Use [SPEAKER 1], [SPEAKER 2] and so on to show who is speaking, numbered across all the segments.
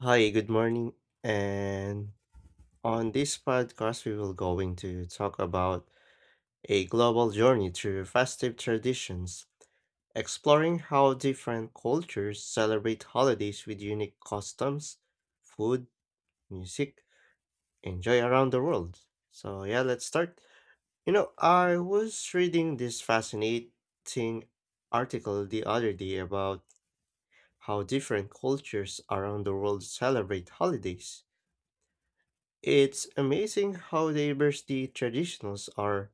[SPEAKER 1] Hi, good morning. And on this podcast, we will going to talk about a global journey through festive traditions, exploring how different cultures celebrate holidays with unique customs, food, music, and joy around the world. So yeah, let's start. You know, I was reading this fascinating article the other day about how different cultures around the world celebrate holidays. It's amazing how diverse the traditions are,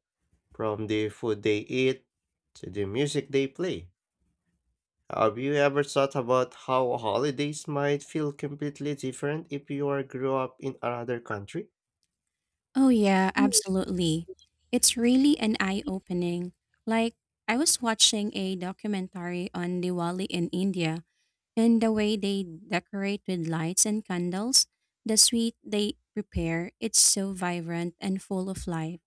[SPEAKER 1] from the food they eat to the music they play. Have you ever thought about how holidays might feel completely different if you are grew up in another country?
[SPEAKER 2] Oh, yeah, absolutely. It's really an eye opening. Like, I was watching a documentary on Diwali in India and the way they decorate with lights and candles, the sweet they prepare, it's so vibrant and full of life.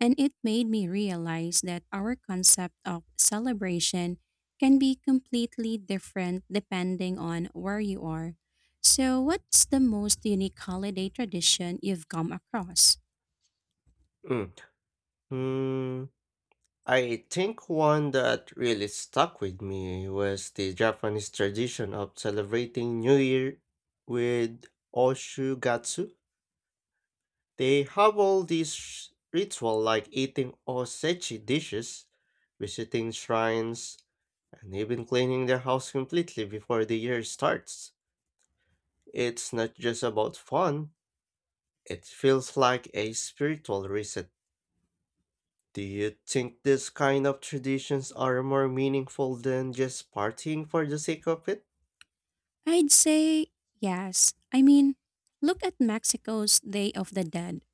[SPEAKER 2] And it made me realize that our concept of celebration can be completely different depending on where you are. So, what's the most unique holiday tradition you've come across?
[SPEAKER 1] Mm. Hmm. I think one that really stuck with me was the Japanese tradition of celebrating New Year with Oshugatsu. They have all these ritual like eating osechi dishes, visiting shrines, and even cleaning their house completely before the year starts. It's not just about fun, it feels like a spiritual reset. Do you think this kind of traditions are more meaningful than just partying for the sake of it?
[SPEAKER 2] I'd say yes. I mean, look at Mexico's Day of the Dead.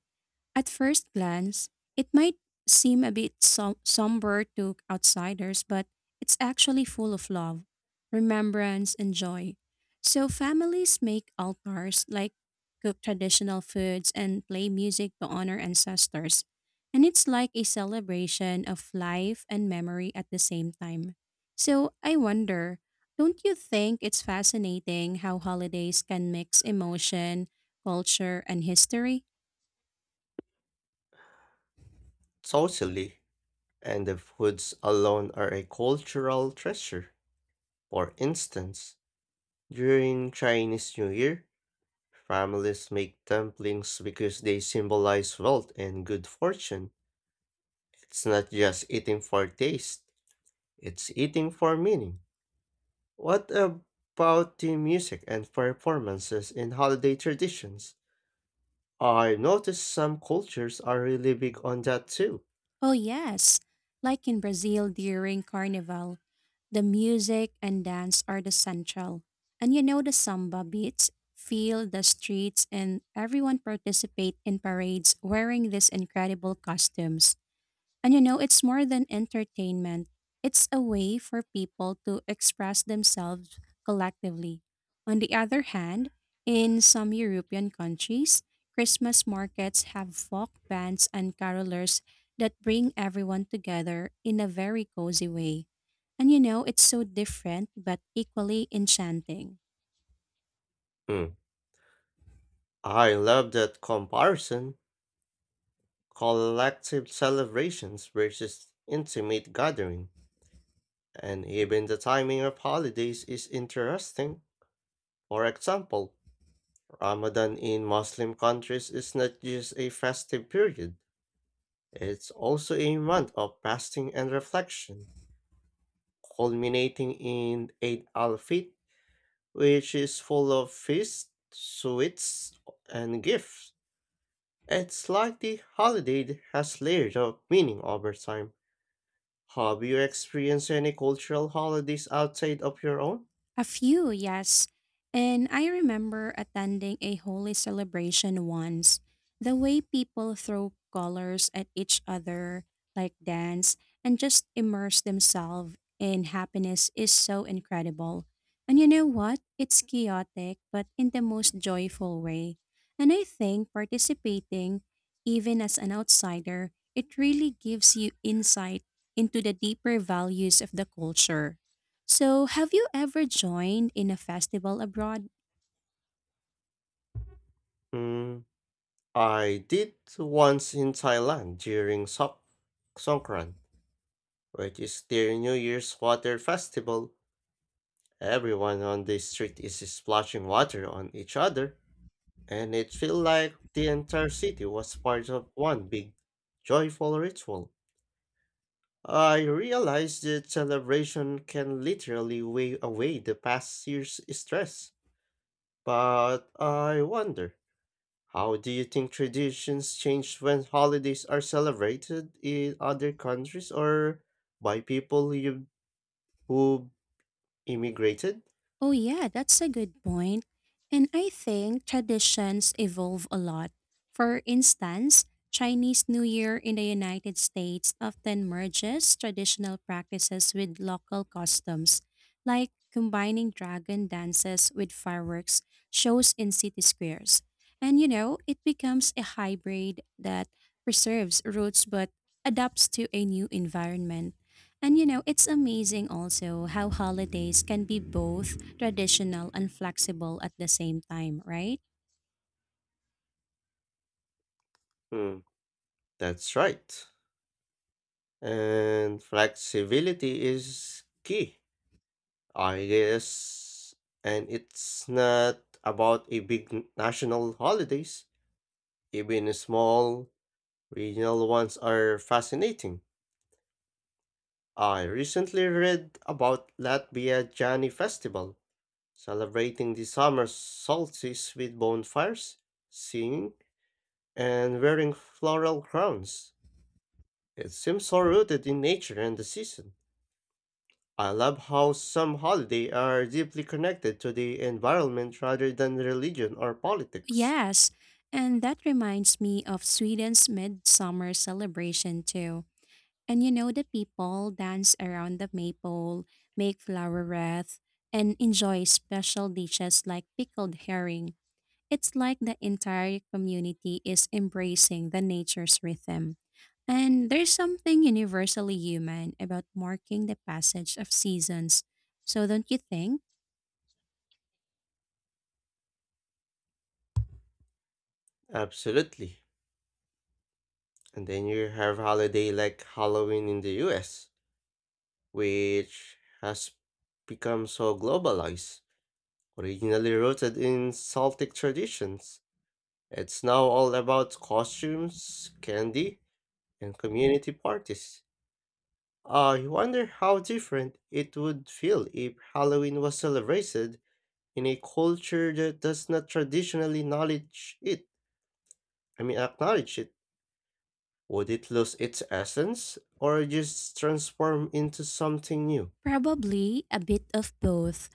[SPEAKER 2] At first glance, it might seem a bit somber to outsiders, but it's actually full of love, remembrance, and joy. So families make altars, like cook traditional foods and play music to honor ancestors. And it's like a celebration of life and memory at the same time. So I wonder, don't you think it's fascinating how holidays can mix emotion, culture, and history?
[SPEAKER 1] Totally. And the foods alone are a cultural treasure. For instance, during Chinese New Year, families make dumplings because they symbolize wealth and good fortune. It's not just eating for taste, it's eating for meaning. What about the music and performances in holiday traditions? I noticed some cultures are really big on that too.
[SPEAKER 2] Oh, yes. Like in Brazil during Carnival, the music and dance are the central. And you know the samba beats fill the streets and everyone participate in parades wearing these incredible costumes. And you know, it's more than entertainment. It's a way for people to express themselves collectively. On the other hand, in some European countries, Christmas markets have folk bands and carolers that bring everyone together in a very cozy way. And you know, it's so different but equally enchanting.
[SPEAKER 1] Mm. I love that comparison, collective celebrations versus intimate gathering. And even the timing of holidays is interesting. For example, Ramadan in Muslim countries is not just a festive period, it's also a month of fasting and reflection, culminating in Eid al Fitr, which is full of feasts, sweets, and gifts. It's like the holiday has layers of meaning over time. Have you experienced any cultural holidays outside of your own?
[SPEAKER 2] A few, yes. And I remember attending a holy celebration once. The way people throw colors at each other, like dance, and just immerse themselves in happiness is so incredible. And you know what? It's chaotic, but in the most joyful way. And I think participating, even as an outsider, it really gives you insight into the deeper values of the culture. So, have you ever joined in a festival abroad?
[SPEAKER 1] Mm, I did once in Thailand during Songkran. Which is their New Year's water festival. Everyone on the street is splashing water on each other, and it felt like the entire city was part of one big, joyful ritual. I realized that celebration can literally weigh away the past year's stress, but I wonder, how do you think traditions change when holidays are celebrated in other countries or by who immigrated?
[SPEAKER 2] Oh, yeah, that's a good point. And I think traditions evolve a lot. For instance, Chinese New Year in the United States often merges traditional practices with local customs, like combining dragon dances with fireworks shows in city squares. And you know, it becomes a hybrid that preserves roots but adapts to a new environment. And you know, it's amazing also how holidays can be both traditional and flexible at the same time, right?
[SPEAKER 1] Hmm, that's right. And flexibility is key, I guess. And it's not about a big national holidays. Even small regional ones are fascinating. I recently read about Latvia Jani Festival, celebrating the summer solstice with bonfires, singing, and wearing floral crowns. It seems so rooted in nature and the season. I love how some holidays are deeply connected to the environment rather than religion or politics.
[SPEAKER 2] Yes. And that reminds me of Sweden's midsummer celebration too. And you know, the people dance around the maple, make flower wreath, and enjoy special dishes like pickled herring. It's like the entire community is embracing the nature's rhythm. And there's something universally human about marking the passage of seasons. So don't you think?
[SPEAKER 1] Absolutely. And then you have holiday like Halloween in the US, which has become so globalized. Originally rooted in Celtic traditions, it's now all about costumes, candy, and community parties. I wonder how different it would feel if Halloween was celebrated in a culture that does not traditionally knowledge it, I mean acknowledge it. Would it lose its essence or just transform into something new?
[SPEAKER 2] Probably a bit of both.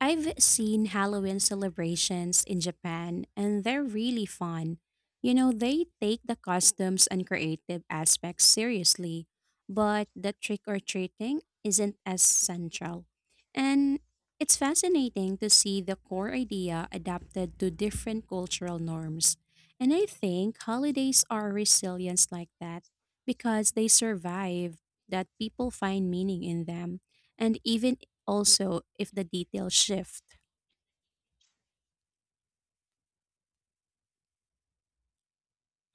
[SPEAKER 2] I've seen Halloween celebrations in Japan, and they're really fun. You know, they take the customs and creative aspects seriously, but the trick or treating isn't as central. And it's fascinating to see the core idea adapted to different cultural norms. And I think holidays are resilience like that because they survive, that people find meaning in them. And even also if the details shift.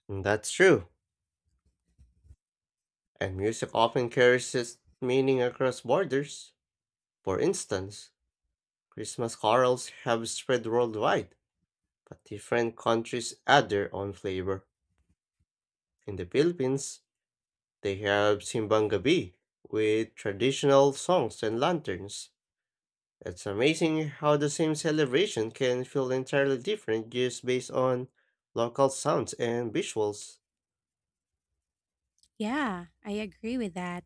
[SPEAKER 1] And that's true, and music often carries its meaning across borders. For instance, Christmas carols have spread worldwide, but different countries add their own flavor. In the Philippines, they have simbang gabi with traditional songs and lanterns. It's amazing how the same celebration can feel entirely different just based on local sounds and visuals,
[SPEAKER 2] Yeah, I agree with that.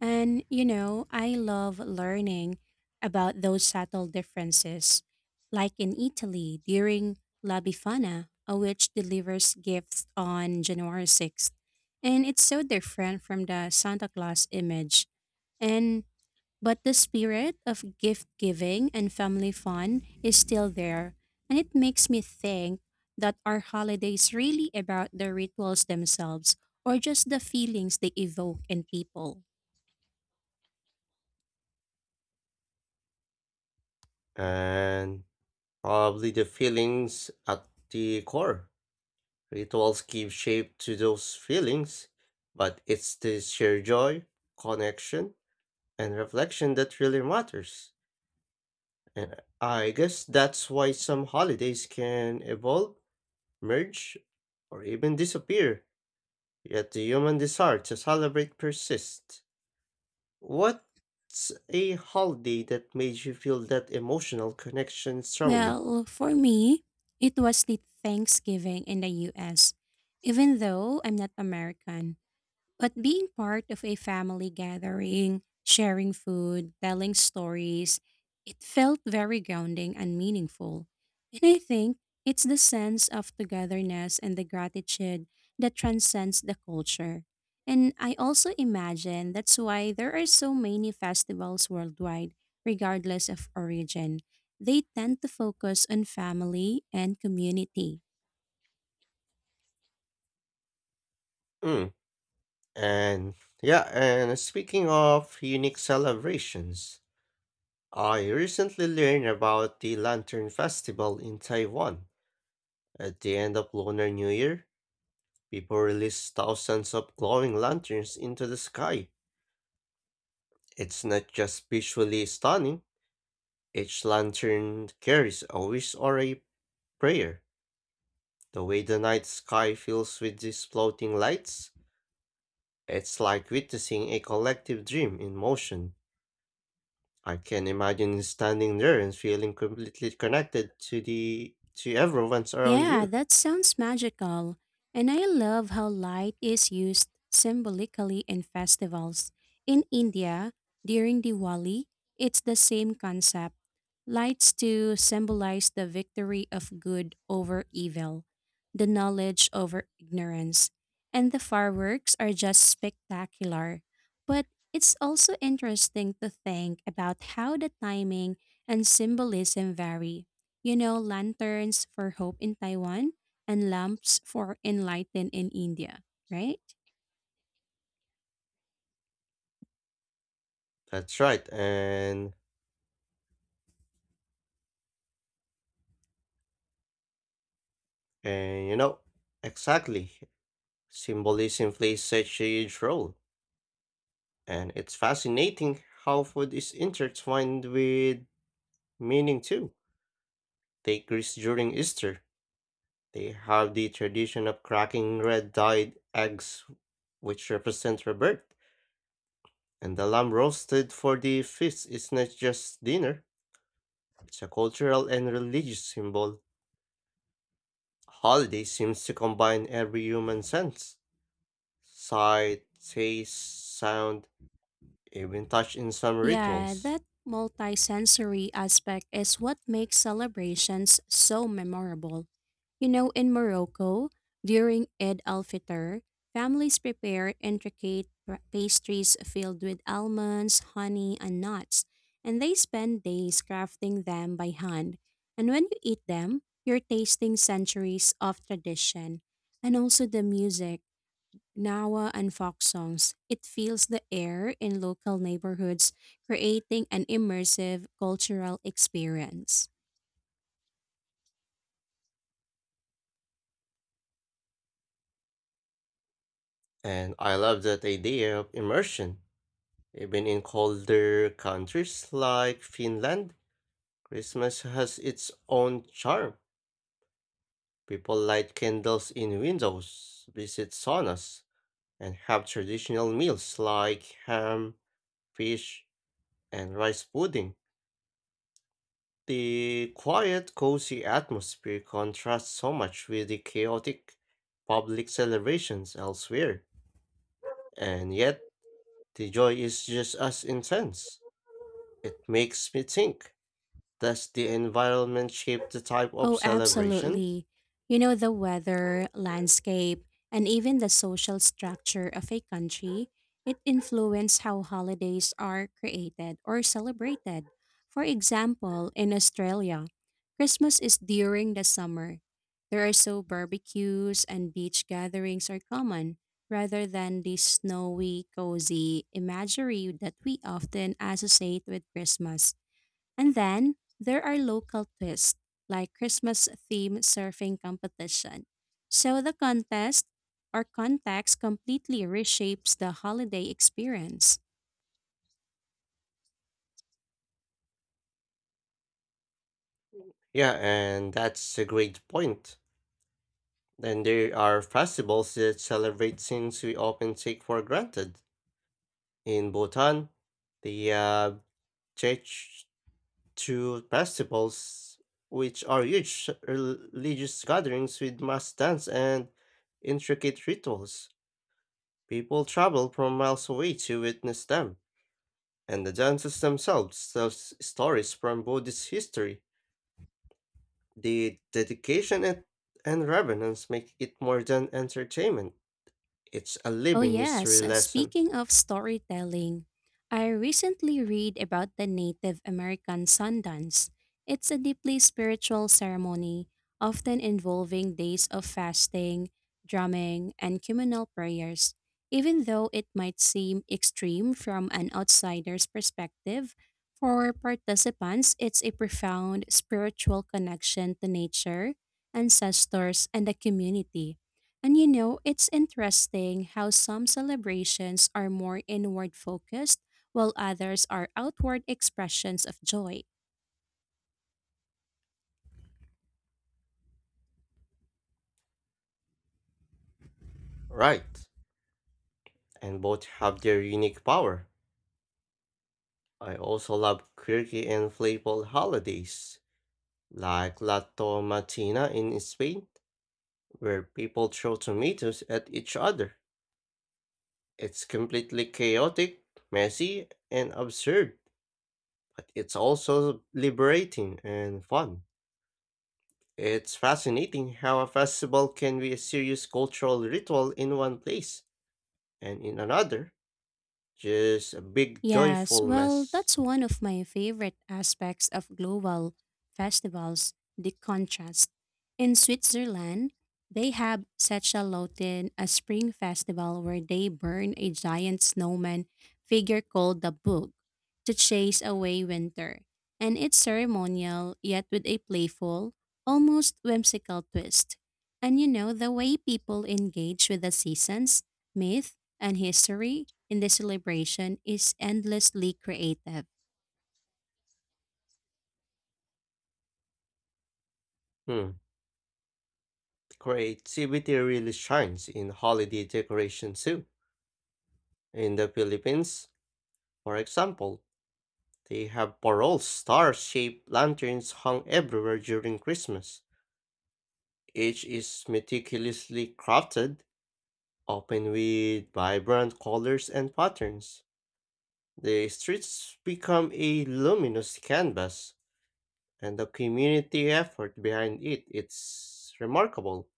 [SPEAKER 2] And, you know, I love learning about those subtle differences, like in Italy during La Befana, a witch delivers gifts on January 6th. And it's so different from the Santa Claus image. And but the spirit of gift giving and family fun is still there, and it makes me think that are holidays really about the rituals themselves or just the feelings they evoke in people?
[SPEAKER 1] and probably the feelings at the core. Rituals give shape to those feelings, but it's the shared joy, connection, and reflection that really matters. And I guess that's why some holidays can evolve, merge, or even disappear, yet the human desire to celebrate persists. What's a holiday that made you feel that emotional connection strongly?
[SPEAKER 2] Well, for me, it was the Thanksgiving in the US, even though I'm not American. But being part of a family gathering, sharing food, telling stories, it felt very grounding and meaningful. And I think it's the sense of togetherness and the gratitude that transcends the culture. And I also imagine that's why there are so many festivals worldwide, regardless of origin. They tend to focus on family and community.
[SPEAKER 1] Mm. And yeah, and speaking of unique celebrations, I recently learned about the Lantern Festival in Taiwan. At the end of Lunar New Year, people release thousands of glowing lanterns into the sky. It's not just visually stunning, each lantern carries a wish or a prayer. The way the night sky fills with these floating lights, it's like witnessing a collective dream in motion. I can imagine standing there and feeling completely connected to the to everyone's around
[SPEAKER 2] Yeah,
[SPEAKER 1] you.
[SPEAKER 2] that sounds magical. And I love how light is used symbolically in festivals. In India, during Diwali, it's the same concept. Lights to symbolize the victory of good over evil, the knowledge over ignorance. And the fireworks are just spectacular. But it's also interesting to think about how the timing and symbolism vary. You know, lanterns for hope in Taiwan and lamps for enlightened in India, right?
[SPEAKER 1] That's right, and and you know exactly. Symbolism plays such a huge role, and it's fascinating how food is intertwined with meaning too. Take Greece during Easter. They have the tradition of cracking red dyed eggs, which represent rebirth, and the lamb roasted for the feast is not just dinner, it's a cultural and religious symbol. Holiday seems to combine every human sense, sight, taste, sound, even touch in some
[SPEAKER 2] Yeah,
[SPEAKER 1] rituals.
[SPEAKER 2] that multisensory aspect is what makes celebrations so memorable. You know, in Morocco, during Eid al-Fitr, families prepare intricate pastries filled with almonds, honey, and nuts, and they spend days crafting them by hand. And when you eat them, you're tasting centuries of tradition. And also the music. Nawa, and folk songs. It fills the air in local neighborhoods, creating an immersive cultural experience.
[SPEAKER 1] And I love that idea of immersion. Even in colder countries like Finland, Christmas has its own charm. People light candles in windows, visit saunas, and have traditional meals like ham, fish, and rice pudding. The quiet, cozy atmosphere contrasts so much with the chaotic public celebrations elsewhere, and yet the joy is just as intense. It makes me think, does the environment shape the type of
[SPEAKER 2] Oh,
[SPEAKER 1] celebration?
[SPEAKER 2] absolutely. You know, the weather, landscape, and even the social structure of a country, it influences how holidays are created or celebrated. For example, in Australia, Christmas is during the summer. There are so barbecues and beach gatherings are common rather than the snowy, cozy imagery that we often associate with Christmas. And then there are local twists like Christmas themed surfing competition. So the contest or context completely reshapes the holiday experience.
[SPEAKER 1] Yeah, and that's a great point. Then there are festivals that celebrate things we often take for granted. In Bhutan, they have Chech festivals, which are huge religious gatherings with mass dance and intricate rituals. People travel from miles away to witness them, and the dances themselves tell stories from Buddhist history. The dedication and reverence make it more than entertainment. It's a
[SPEAKER 2] Oh,
[SPEAKER 1] living history
[SPEAKER 2] yes.
[SPEAKER 1] lesson.
[SPEAKER 2] Speaking of storytelling, I recently read about the Native American Sundance. It's a deeply spiritual ceremony, often involving days of fasting, drumming, and communal prayers. Even though it might seem extreme from an outsider's perspective, for participants, it's a profound spiritual connection to nature, ancestors, and the community. And you know, it's interesting how some celebrations are more inward focused while others are outward expressions of joy.
[SPEAKER 1] Right, and both have their unique power. I also love quirky and playful holidays, like La Tomatina in Spain, where people throw tomatoes at each other. It's completely chaotic, messy, and absurd, but it's also liberating and fun. It's fascinating how a festival can be a serious cultural ritual in one place, and in another, just a big
[SPEAKER 2] Yes,
[SPEAKER 1] joyful
[SPEAKER 2] well,
[SPEAKER 1] mess.
[SPEAKER 2] that's one of my favorite aspects of global festivals, the contrast. In Switzerland, they have such a Lotin, a spring festival where they burn a giant snowman figure called the Bug to chase away winter. And it's ceremonial, yet with a playful, almost whimsical twist. And you know, the way people engage with the seasons myth, and history in the celebration is endlessly creative.
[SPEAKER 1] Hmm. Creativity really shines in holiday decoration too. In the Philippines, for example, they have parol star-shaped lanterns hung everywhere during Christmas. Each is meticulously crafted, often with vibrant colors and patterns. The streets become a luminous canvas, and the community effort behind it is remarkable.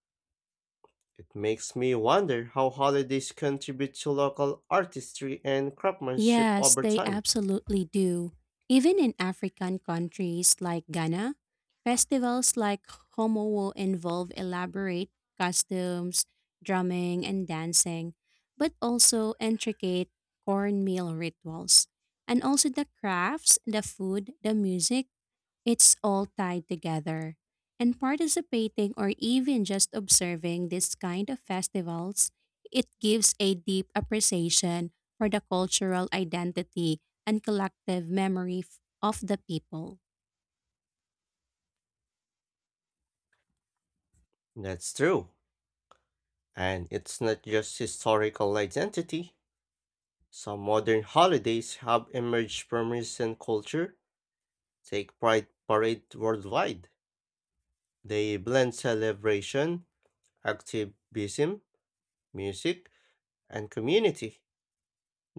[SPEAKER 1] It makes me wonder how holidays contribute to local artistry and craftsmanship
[SPEAKER 2] Yes,
[SPEAKER 1] over
[SPEAKER 2] they
[SPEAKER 1] time.
[SPEAKER 2] absolutely do. Even in African countries like Ghana, festivals like Homowo involve elaborate costumes, drumming, and dancing, but also intricate cornmeal rituals. And also the crafts, the food, the music, it's all tied together. And participating or even just observing this kind of festivals, it gives a deep appreciation for the cultural identity and collective memory of the people.
[SPEAKER 1] That's true. And it's not just historical identity. Some modern holidays have emerged from recent culture. Take Pride Parade worldwide. They blend celebration, activism, music, and community.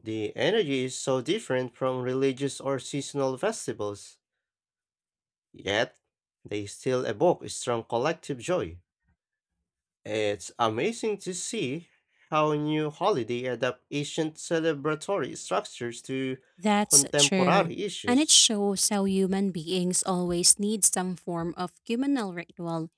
[SPEAKER 1] The energy is so different from religious or seasonal festivals. Yet, they still evoke a strong collective joy. It's amazing to see how new holiday adapt ancient celebratory structures to
[SPEAKER 2] That's true.
[SPEAKER 1] contemporary
[SPEAKER 2] And it
[SPEAKER 1] issues.
[SPEAKER 2] shows how human beings always need some form of communal ritual.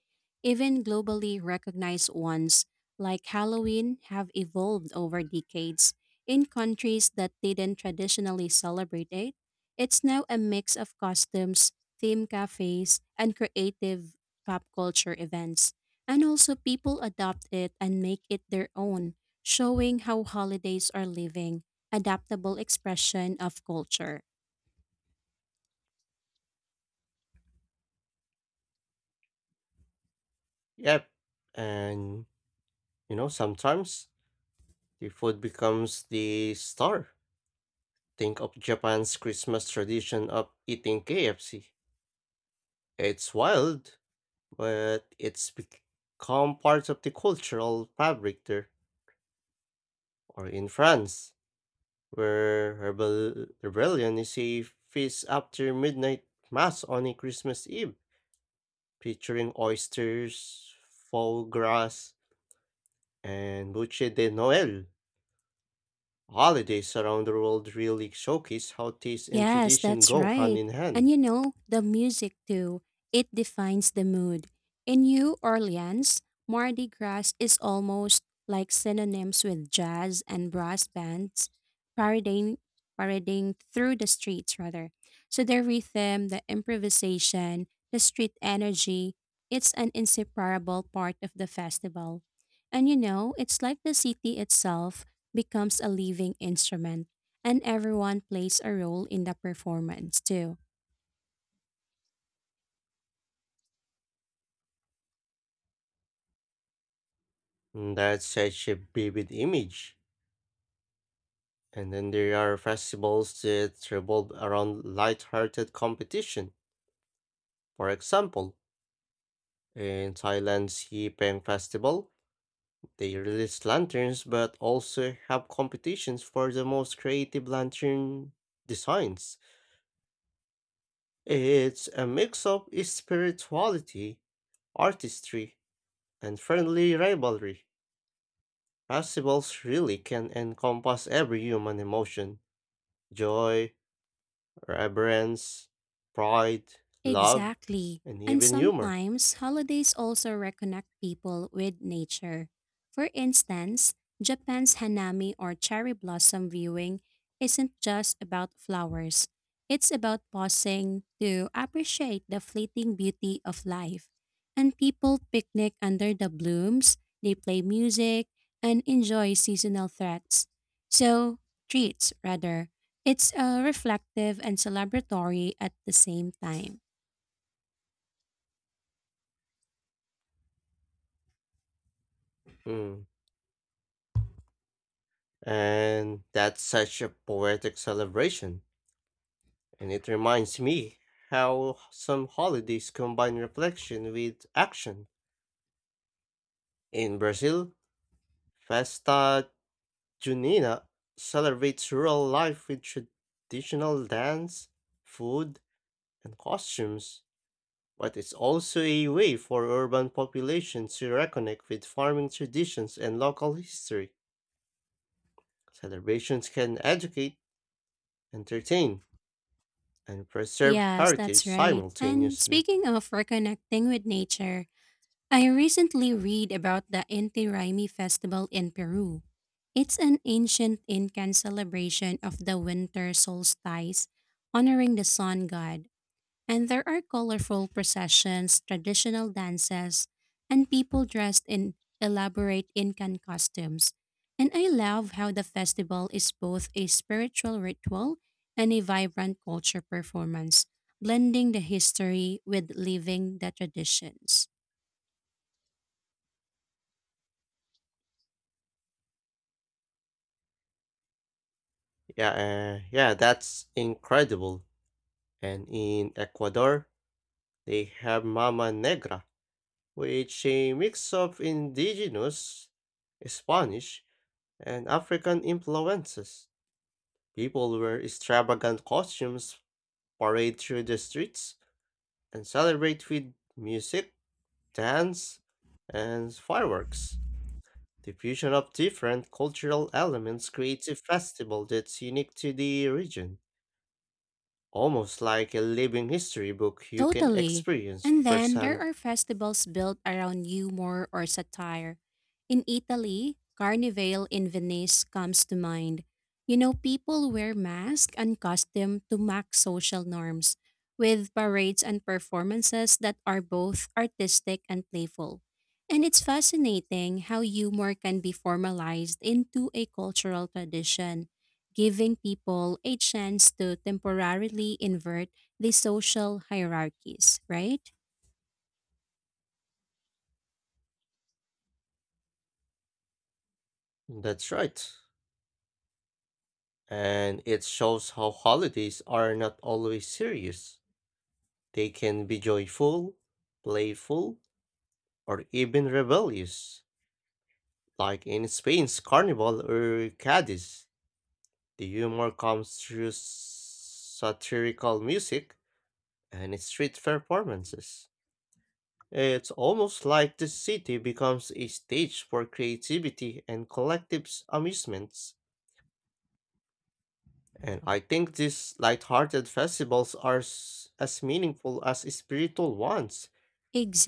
[SPEAKER 2] Even globally recognized ones, like Halloween, have evolved over decades. In countries that didn't traditionally celebrate it, it's now a mix of costumes, theme cafes, and creative pop culture events. And also, people adopt it and make it their own, showing how holidays are living, adaptable expression of culture.
[SPEAKER 1] Yep, and you know, sometimes the food becomes the star. Think of Japan's Christmas tradition of eating KFC. It's wild, but it's become part of the cultural fabric there. Or in France, where rebellion is a feast after midnight mass on a Christmas Eve, featuring oysters, foie gras, and buche de Noël. Holidays around the world really showcase how taste and
[SPEAKER 2] Yes,
[SPEAKER 1] tradition
[SPEAKER 2] that's
[SPEAKER 1] go hand
[SPEAKER 2] right.
[SPEAKER 1] in
[SPEAKER 2] And
[SPEAKER 1] hand.
[SPEAKER 2] you know, the music too, it defines the mood. In New Orleans, Mardi Gras is almost like synonyms with jazz and brass bands parading, parading through the streets, rather. So the rhythm, the improvisation, the street energy, it's an inseparable part of the festival. And you know, it's like the city itself becomes a living instrument and everyone plays a role in the performance too.
[SPEAKER 1] That's such a vivid image. And then there are festivals that revolve around light-hearted competition. For example, in Thailand's Yi Peng Festival, they release lanterns but also have competitions for the most creative lantern designs. It's a mix of spirituality, artistry, and friendly rivalry. Festivals really can encompass every human emotion, joy, reverence, pride, love,
[SPEAKER 2] Exactly.
[SPEAKER 1] and
[SPEAKER 2] And
[SPEAKER 1] even humor.
[SPEAKER 2] sometimes holidays also reconnect people with nature. For instance, Japan's hanami or cherry blossom viewing isn't just about flowers. It's about pausing to appreciate the fleeting beauty of life. And people picnic under the blooms, they play music, and enjoy seasonal So, treats, rather. It's reflective and celebratory at the same time.
[SPEAKER 1] Mm. And that's such a poetic celebration. And it reminds me how some holidays combine reflection with action. In Brazil, Festa Junina celebrates rural life with traditional dance, food, and costumes, but it's also a way for urban populations to reconnect with farming traditions and local history. Celebrations can educate, entertain, and preserve
[SPEAKER 2] Yes,
[SPEAKER 1] heritage
[SPEAKER 2] that's right. And
[SPEAKER 1] simultaneously.
[SPEAKER 2] speaking of reconnecting with nature, I recently read about the Inti Raymi festival in Peru. It's an ancient Incan celebration of the winter solstice, honoring the sun god. And there are colorful processions, traditional dances, and people dressed in elaborate Incan costumes. And I love how the festival is both a spiritual ritual and a vibrant culture performance, blending the history with living the traditions.
[SPEAKER 1] Yeah, that's incredible. And in Ecuador, they have Mama Negra, which a mix of indigenous, Spanish, and African influences. People wear extravagant costumes, parade through the streets, and celebrate with music, dance, and fireworks. The fusion of different cultural elements creates a festival that's unique to the region, almost like a living history book you can
[SPEAKER 2] Totally.
[SPEAKER 1] experience
[SPEAKER 2] And then there
[SPEAKER 1] firsthand.
[SPEAKER 2] are festivals built around humor or satire. In Italy, Carnival in Venice comes to mind. You know, people wear masks and costume to mock social norms, with parades and performances that are both artistic and playful. And it's fascinating how humor can be formalized into a cultural tradition, giving people a chance to temporarily invert the social hierarchies, right?
[SPEAKER 1] That's right. And it shows how holidays are not always serious. They can be joyful, playful, or even rebellious. Like in Spain's Carnival or Cadiz, the humor comes through satirical music and street performances. It's almost like the city becomes a stage for creativity and collective amusements. And I think these light-hearted festivals are as meaningful as spiritual ones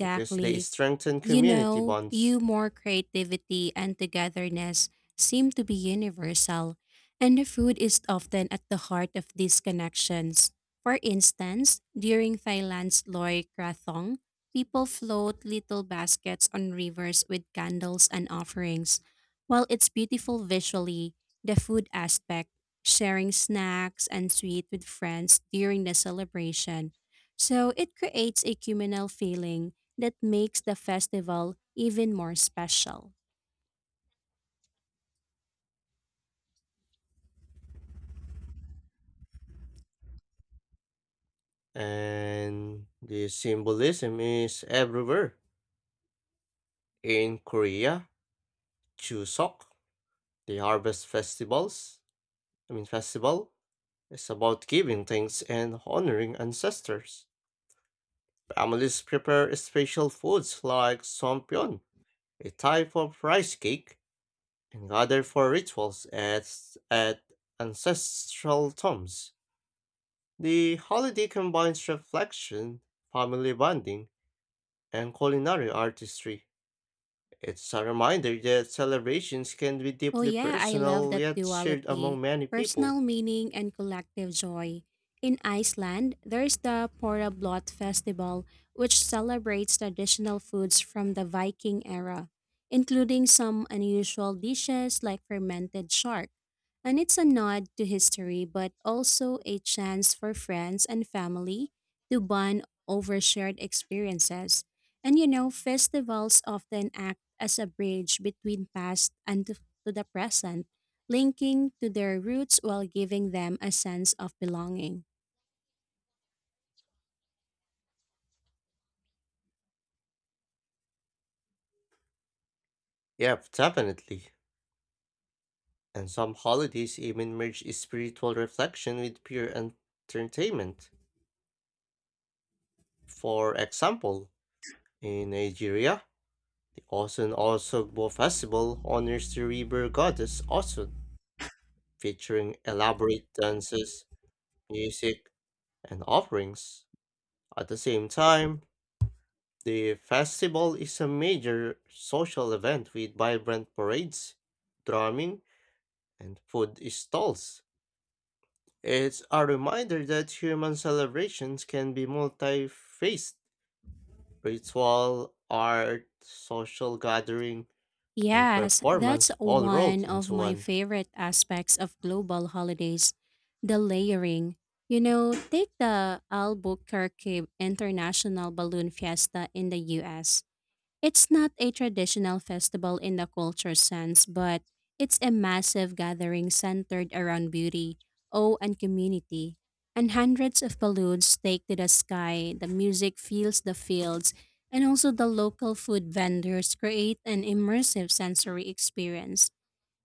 [SPEAKER 1] because they strengthen
[SPEAKER 2] You
[SPEAKER 1] community
[SPEAKER 2] know,
[SPEAKER 1] bonds.
[SPEAKER 2] humor, creativity, and togetherness seem to be universal, and the food is often at the heart of these connections. For instance, during Thailand's Loy Krathong, people float little baskets on rivers with candles and offerings. While it's beautiful visually, the food aspect, sharing snacks and sweets with friends during the celebration, so it creates a communal feeling that makes the festival even more special.
[SPEAKER 1] And the symbolism is everywhere. In Korea, Chuseok, the harvest festivals, I mean festival, is about giving thanks and honoring ancestors. Families prepare special foods like sompyeon, a type of rice cake, another for rituals at ancestral tombs. The holiday combines reflection, family bonding, and culinary artistry. It's a reminder that celebrations can be
[SPEAKER 2] Oh,
[SPEAKER 1] deeply
[SPEAKER 2] yeah, I love
[SPEAKER 1] personal
[SPEAKER 2] that
[SPEAKER 1] yet shared among
[SPEAKER 2] duality
[SPEAKER 1] many people.
[SPEAKER 2] personal meaning and collective joy. In Iceland, there's the Porablot Festival, which celebrates traditional foods from the Viking era, including some unusual dishes like fermented shark. And it's a nod to history, but also a chance for friends and family to bond over shared experiences. And you know, festivals often act as a bridge between to the present, linking to their roots while giving them a sense of belonging.
[SPEAKER 1] Yep, definitely. And some holidays even merge spiritual reflection with pure entertainment. For example, in Nigeria, the Osun Osogbo Festival honors the river goddess Osun, featuring elaborate dances, music, and offerings. At the same time, the festival is a major social event with vibrant parades, drumming, and food stalls. It's a reminder that human celebrations can be multi-faced. Ritual, art, social gathering, and
[SPEAKER 2] Yes, that's
[SPEAKER 1] performance all
[SPEAKER 2] one
[SPEAKER 1] rolled
[SPEAKER 2] of
[SPEAKER 1] into
[SPEAKER 2] my
[SPEAKER 1] one.
[SPEAKER 2] favorite aspects of global holidays the layering. You know, take the Albuquerque International Balloon Fiesta in the US. It's not a traditional festival in the culture sense, but it's a massive gathering centered around beauty, awe, and community. And hundreds of balloons take to the sky, the music fills the fields, and also the local food vendors create an immersive sensory experience.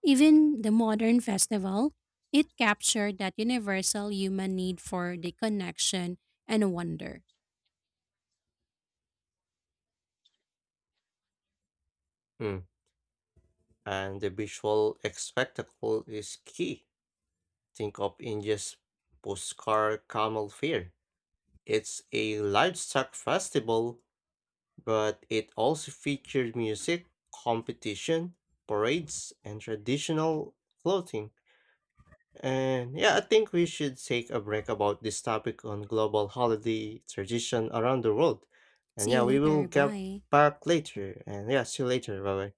[SPEAKER 2] Even the modern festival, it captured that universal human need for the connection and wonder.
[SPEAKER 1] Hmm, and the visual spectacle is key. Think of India's Pushkar Camel Fair. It's a livestock festival, but it also featured music, competition, parades, and traditional clothing. And yeah, I think we should take a break about this topic on global holiday tradition around the world. And
[SPEAKER 2] See you
[SPEAKER 1] yeah, we will
[SPEAKER 2] later.
[SPEAKER 1] get
[SPEAKER 2] Bye.
[SPEAKER 1] back later. And yeah, see you later. Bye bye.